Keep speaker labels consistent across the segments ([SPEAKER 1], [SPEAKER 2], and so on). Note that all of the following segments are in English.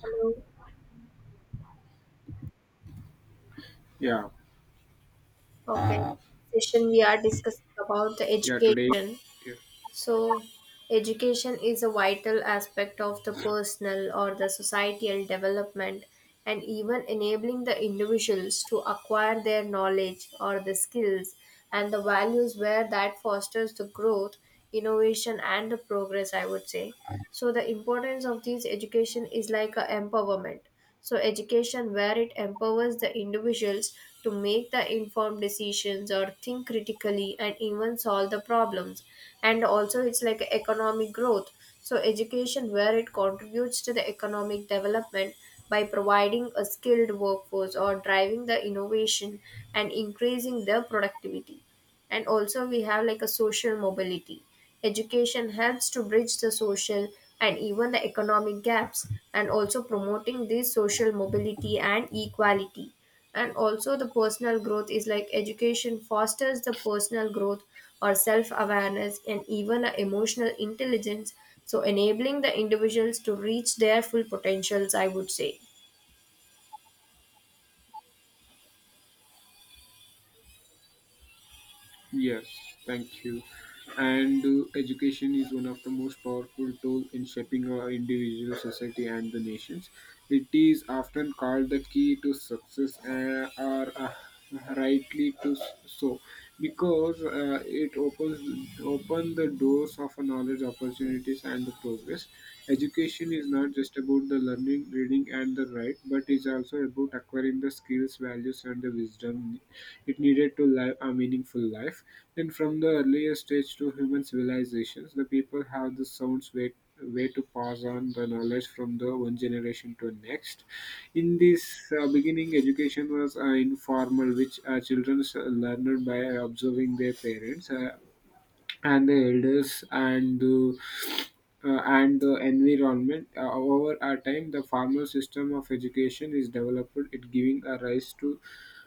[SPEAKER 1] Hello.
[SPEAKER 2] Yeah,
[SPEAKER 1] Okay. Session we are discussing about the
[SPEAKER 2] yeah, today,
[SPEAKER 1] education.
[SPEAKER 2] yeah,
[SPEAKER 1] So, education is a vital aspect of the personal or the societal development, and even enabling the individuals to acquire their knowledge or the skills and the values where that fosters the growth, innovation and the progress, I would say. So the importance of this education is like a empowerment. So education where it empowers the individuals to make the informed decisions or think critically and even solve the problems. And also it's like economic growth. So education where it contributes to the economic development by providing a skilled workforce or driving the innovation and increasing their productivity. And also we have like a social mobility. Education helps to bridge the social and even the economic gaps and also promoting this social mobility and equality. And also the personal growth is like education fosters the personal growth or self awareness and even a emotional intelligence, so enabling the individuals to reach their full potentials, I would say.
[SPEAKER 2] yes, thank you. And education is one of the most powerful tool in shaping our individual society and the nations. It is often called the key to success, or rightly so because it opens open the doors of a knowledge opportunities and the progress. Education is not just about the learning reading and the right, but it's also about acquiring the skills, values, and the wisdom it needed to live a meaningful life. Then, from the earliest stage to human civilizations, the people have the sounds way to pass on the knowledge from the one generation to next. In this beginning, education was informal, which children learned by observing their parents. And the elders and the environment. Over our time, the formal system of education is developed, it giving a rise to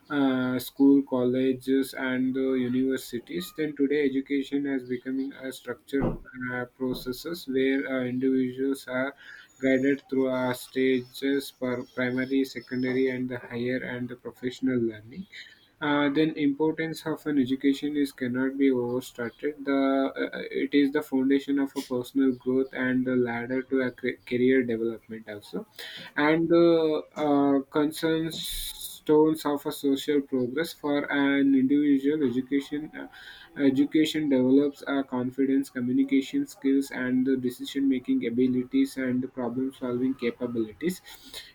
[SPEAKER 2] school, colleges, and the universities. Then today, education has becoming a structured processes where individuals are guided through our stages for primary, secondary, and the higher and the professional learning. Then importance of an education is cannot be overstated. The It is the foundation of a personal growth and the ladder to a career development also, and the concerns stones of a social progress for an individual education. Education develops our confidence, communication skills, and the decision making abilities and problem solving capabilities.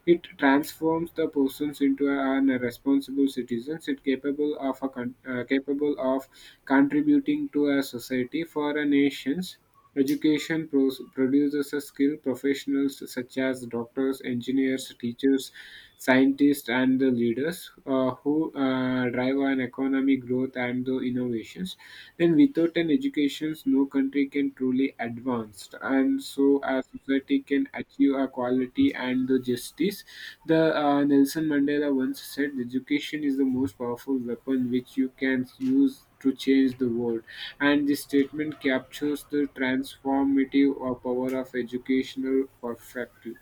[SPEAKER 2] It transforms the persons into an responsible citizens. It capable of contributing to a society for a nations. Education produces a skilled professionals such as doctors, engineers, teachers, scientists, and the leaders who drive an economic growth and the innovations. Then, without an education, no country can truly advance, and so a society can achieve a quality and the justice. The Nelson Mandela once said, "Education is the most powerful weapon which you can use to change the world." And this statement captures the transformative or power of educational perfectly.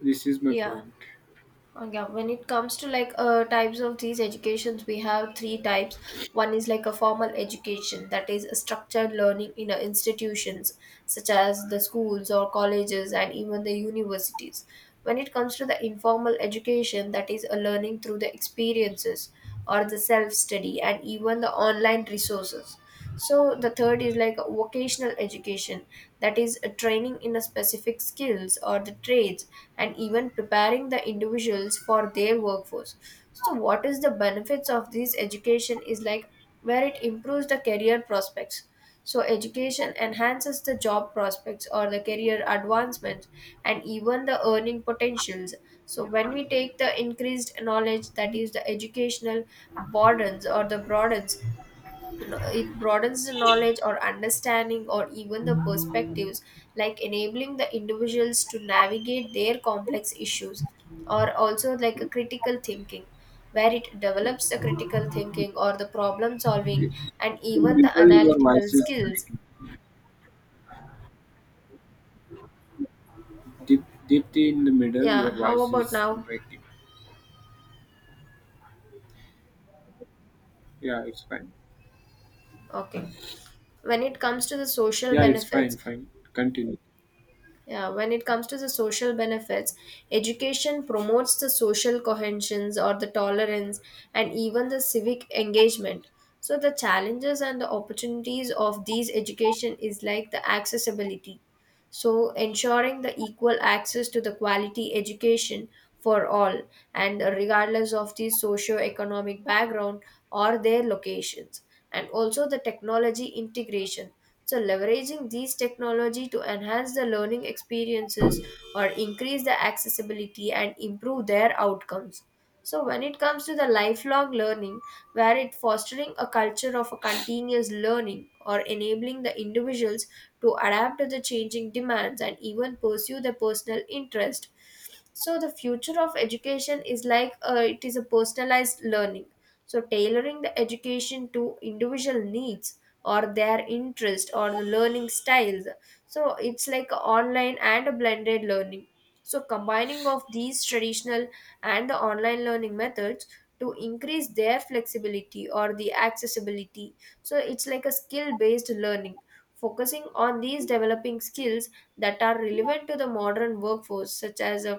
[SPEAKER 2] This is my
[SPEAKER 1] Yeah.
[SPEAKER 2] point.
[SPEAKER 1] Yeah, when it comes to like types of these educations, we have three types. One is like a formal education, that is a structured learning in institutions such as the schools or colleges and even the universities. When it comes to the informal education, that is a learning through the experiences or the self study and even the online resources. So the third is like vocational education, that is a training in a specific skills or the trades and even preparing the individuals for their workforce. So what is the benefits of this education is like where it improves the career prospects. So education enhances the job prospects or the career advancements and even the earning potentials. So when we take the increased knowledge, that is the educational broadens, it broadens the knowledge or understanding or even the perspectives, like enabling the individuals to navigate their complex issues, or also like a critical thinking, where it develops the critical thinking or the problem solving and
[SPEAKER 2] In the
[SPEAKER 1] even the
[SPEAKER 2] middle, your
[SPEAKER 1] analytical
[SPEAKER 2] voice is
[SPEAKER 1] skills.
[SPEAKER 2] breaking. Deeply in the middle, your
[SPEAKER 1] Yeah, how
[SPEAKER 2] voice
[SPEAKER 1] about
[SPEAKER 2] is
[SPEAKER 1] now?
[SPEAKER 2] breaking. Yeah, it's fine.
[SPEAKER 1] Okay. When it comes to the social
[SPEAKER 2] Yeah, it's
[SPEAKER 1] benefits,
[SPEAKER 2] fine, fine. Continue.
[SPEAKER 1] yeah, when it comes to the social benefits, education promotes the social cohesions or the tolerance and even the civic engagement. So the challenges and the opportunities of these education is like the accessibility. So ensuring the equal access to the quality education for all and regardless of the socio-economic background or their locations. And also the technology integration, so leveraging these technology to enhance the learning experiences or increase the accessibility and improve their outcomes. So when it comes to the lifelong learning, where it fostering a culture of a continuous learning or enabling the individuals to adapt to the changing demands and even pursue their personal interest. So the future of education is like it is a personalized learning. So tailoring the education to individual needs or their interest or the learning styles. So it's like online and a blended learning. So combining of these traditional and the online learning methods to increase their flexibility or the accessibility. So it's like a skill based learning, focusing on these developing skills that are relevant to the modern workforce, such as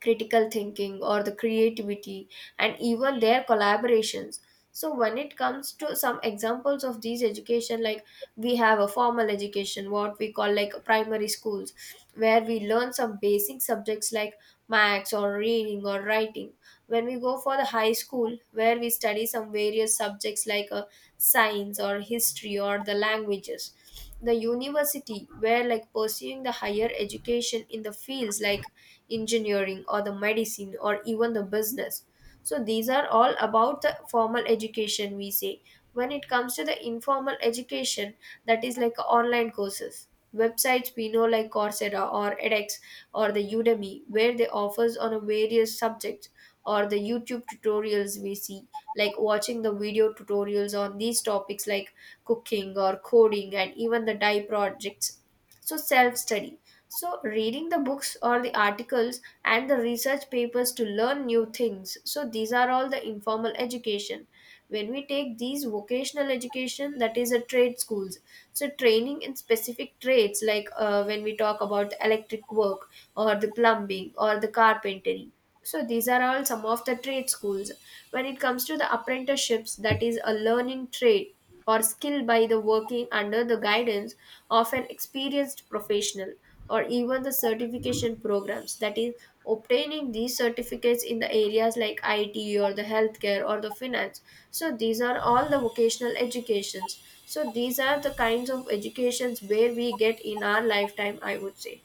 [SPEAKER 1] critical thinking or the creativity and even their collaborations. So when it comes to some examples of these education, like we have a formal education, what we call like primary schools where we learn some basic subjects like maths or reading or writing. When we go for the high school, where we study some various subjects like science or history or the languages. The university where like pursuing the higher education in the fields like engineering or the medicine or even the business. So these are all about the formal education, we say. When it comes to the informal education, that is like online courses, websites we know like coursera or edx or the udemy, where they offers on a various subjects, or the youtube tutorials we see, like watching the video tutorials on these topics like cooking or coding and even the dye projects. So self study, so reading the books or the articles and the research papers to learn new things. So these are all the informal education. When we take these vocational education, that is a trade schools. So, training in specific trades, like when we talk about electric work or the plumbing or the carpentry. So, these are all some of the trade schools. When it comes to the apprenticeships, that is a learning trade or skill by the working under the guidance of an experienced professional, or even the certification programs, that is obtaining these certificates in the areas like IT or the healthcare or the finance. So these are all the vocational educations. So these are the kinds of educations where we get in our lifetime, I would say.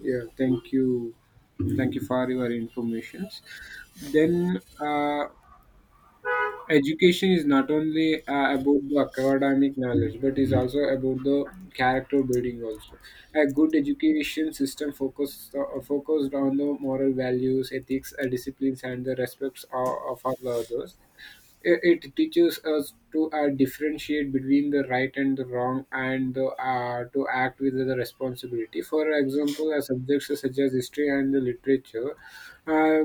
[SPEAKER 2] Yeah, thank you. Thank you for your informations. Then, education is not only about the academic knowledge, but is also about the character building. Also, a good education system focused on the moral values, ethics, disciplines, and the respects of all others. It teaches us to differentiate between the right and the wrong, and to act with the responsibility. For example, subjects such as history and the literature uh,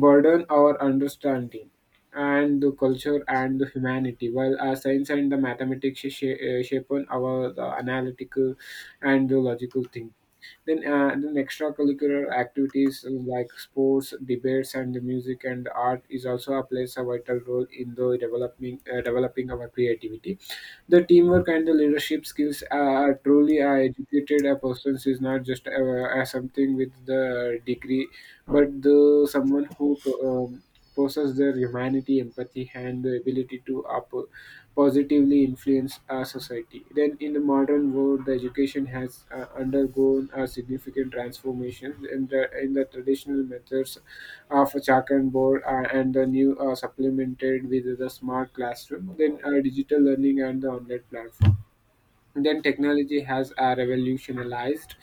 [SPEAKER 2] burden our understanding and the culture and the humanity, while science and the mathematics shape on our the analytical and the logical thinking. Then extracurricular activities like sports, debates, and the music and art is also a plays a vital role in the developing our creativity. The teamwork and the leadership skills are truly educated. A person is not just something with the degree, but the someone who possesses their humanity, empathy, and the ability to positively influence our society. Then, in the modern world, the education has undergone a significant transformation in the traditional methods of a chalk and board, and the new, supplemented with the smart classroom, then digital learning and the online platform. Then technology has revolutionized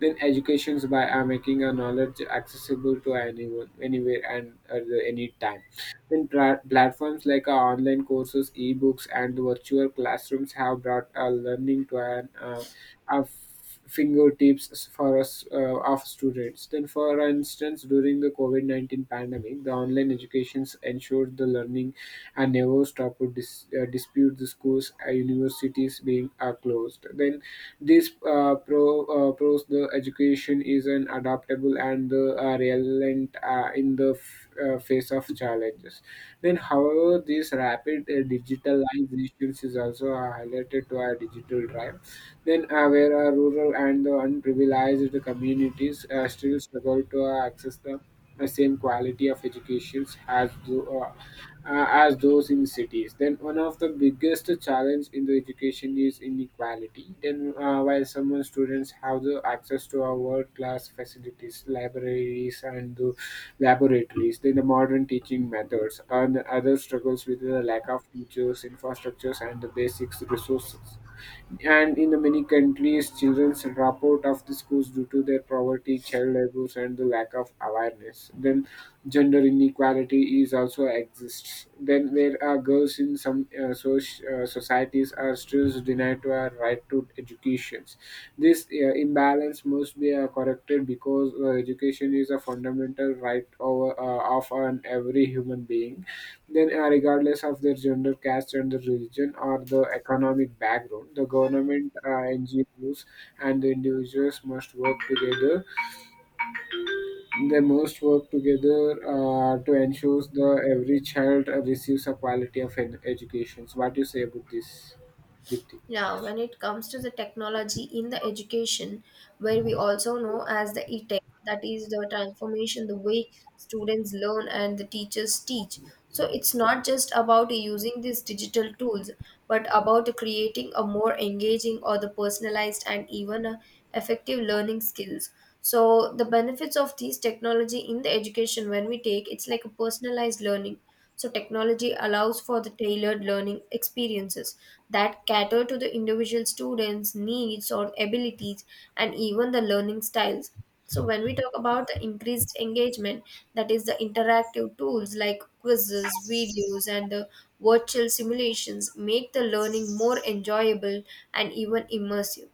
[SPEAKER 2] then educations by making a knowledge accessible to anyone anywhere and at any time. Then platforms like online courses ebooks and virtual classrooms have brought learning to an our f- fingertips for us, of students. Then, for instance, during the COVID-19 pandemic, the online educations ensured the learning and never stopped to dispute the schools, universities being are closed. Then, this pros the education is an adaptable and the resilient in the face of challenges. Then, however, this rapid digitalization is also highlighted to our digital drive. Then, where rural and the unprivileged communities still struggle to access the same quality of education as those in cities. Then, one of the biggest challenge in the education is inequality. Then, while some students have the access to our world class facilities, libraries, and the laboratories, then the modern teaching methods, and other struggles with the lack of teachers, infrastructures, and the basic resources. And in the many countries, children's drop out of the schools due to their poverty, child abuse, and the lack of awareness. Then, gender inequality is also exists. Then, where girls in some societies are still denied to a right to education. This imbalance must be corrected because education is a fundamental right of an every human being. Then, regardless of their gender, caste, and the religion or the economic background, the government, NGOs, and the individuals must work together. They must work together to ensure that every child receives a quality of education. So what do you say about this, Dipti?
[SPEAKER 1] Yeah, when it comes to the technology in the education, where we also know as the e-tech, that is the transformation, the way students learn and the teachers teach. So it's not just about using these digital tools, but about creating a more engaging or the personalized and even a effective learning skills. So the benefits of these technology in the education, when we take, it's like a personalized learning. So technology allows for the tailored learning experiences that cater to the individual students' needs or abilities and even the learning styles. So, when we talk about the increased engagement, that is the interactive tools like quizzes, videos, and the virtual simulations make the learning more enjoyable and even immersive.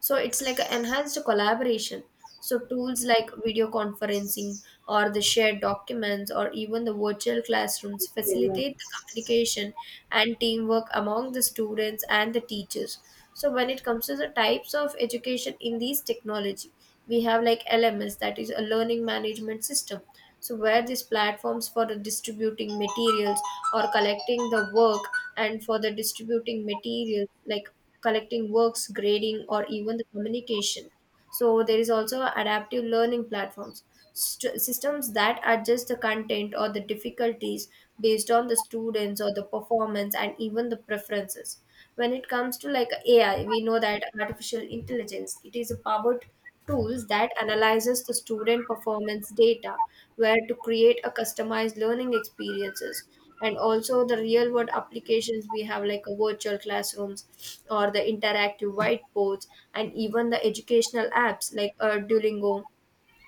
[SPEAKER 1] So it's like an enhanced collaboration. So tools like video conferencing or the shared documents or even the virtual classrooms
[SPEAKER 2] Well,
[SPEAKER 1] facilitate the communication and teamwork among the students and the teachers. So when it comes to the types of education in these technology, we have like LMS, that is a learning management system. So, where these platforms for the distributing materials or collecting the work and for the distributing materials, like collecting works, grading, or even the communication. So, there is also adaptive learning platforms, systems that adjust the content or the difficulties based on the students or the performance and even the preferences. When it comes to like AI, we know that artificial intelligence, it is a powered tools that analyzes the student performance data, where to create a customized learning experiences. And also the real world applications, we have like a virtual classrooms or the interactive whiteboards and even the educational apps like duolingo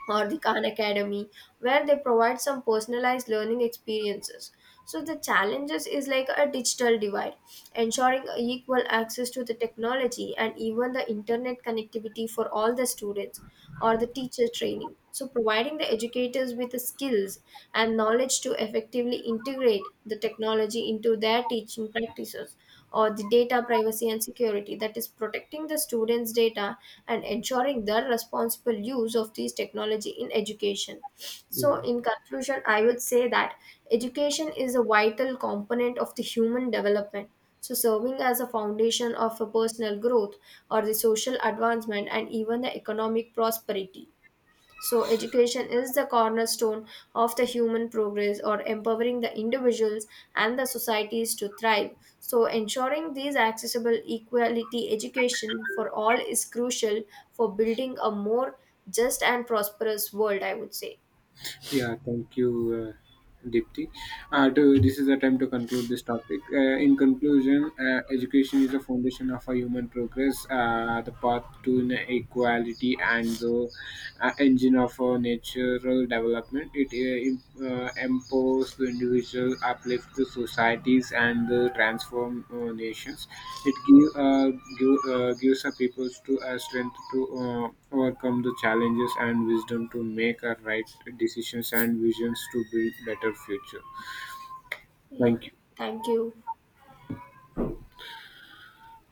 [SPEAKER 1] or the Khan Academy, where they provide some personalized learning experiences. So the challenges is like a digital divide, ensuring equal access to the technology and even the internet connectivity for all the students, or the teacher training. So providing the educators with the skills and knowledge to effectively integrate the technology into their teaching practices, or the data privacy and security, that is protecting the students data and ensuring their responsible use of these technology in education. So
[SPEAKER 2] yeah.
[SPEAKER 1] in conclusion, I would say that education is a vital component of the human development, so serving as a foundation of a personal growth or the social advancement and even the economic prosperity. So, education is the cornerstone of the human progress or empowering the individuals and the societies to thrive. So, ensuring these accessible equality education for all is crucial for building a more just and prosperous world, I would say.
[SPEAKER 2] Yeah, thank you, Dipti. This is the time to conclude this topic. In conclusion, education is the foundation of our human progress, the path to equality, and the engine of our natural development. It empowers the individual, uplifts the societies, and the transform nations. It gives a people to a strength to overcome the challenges and wisdom to make a right decisions and visions to build better future.
[SPEAKER 1] Yeah,
[SPEAKER 2] Thank you.
[SPEAKER 1] thank you.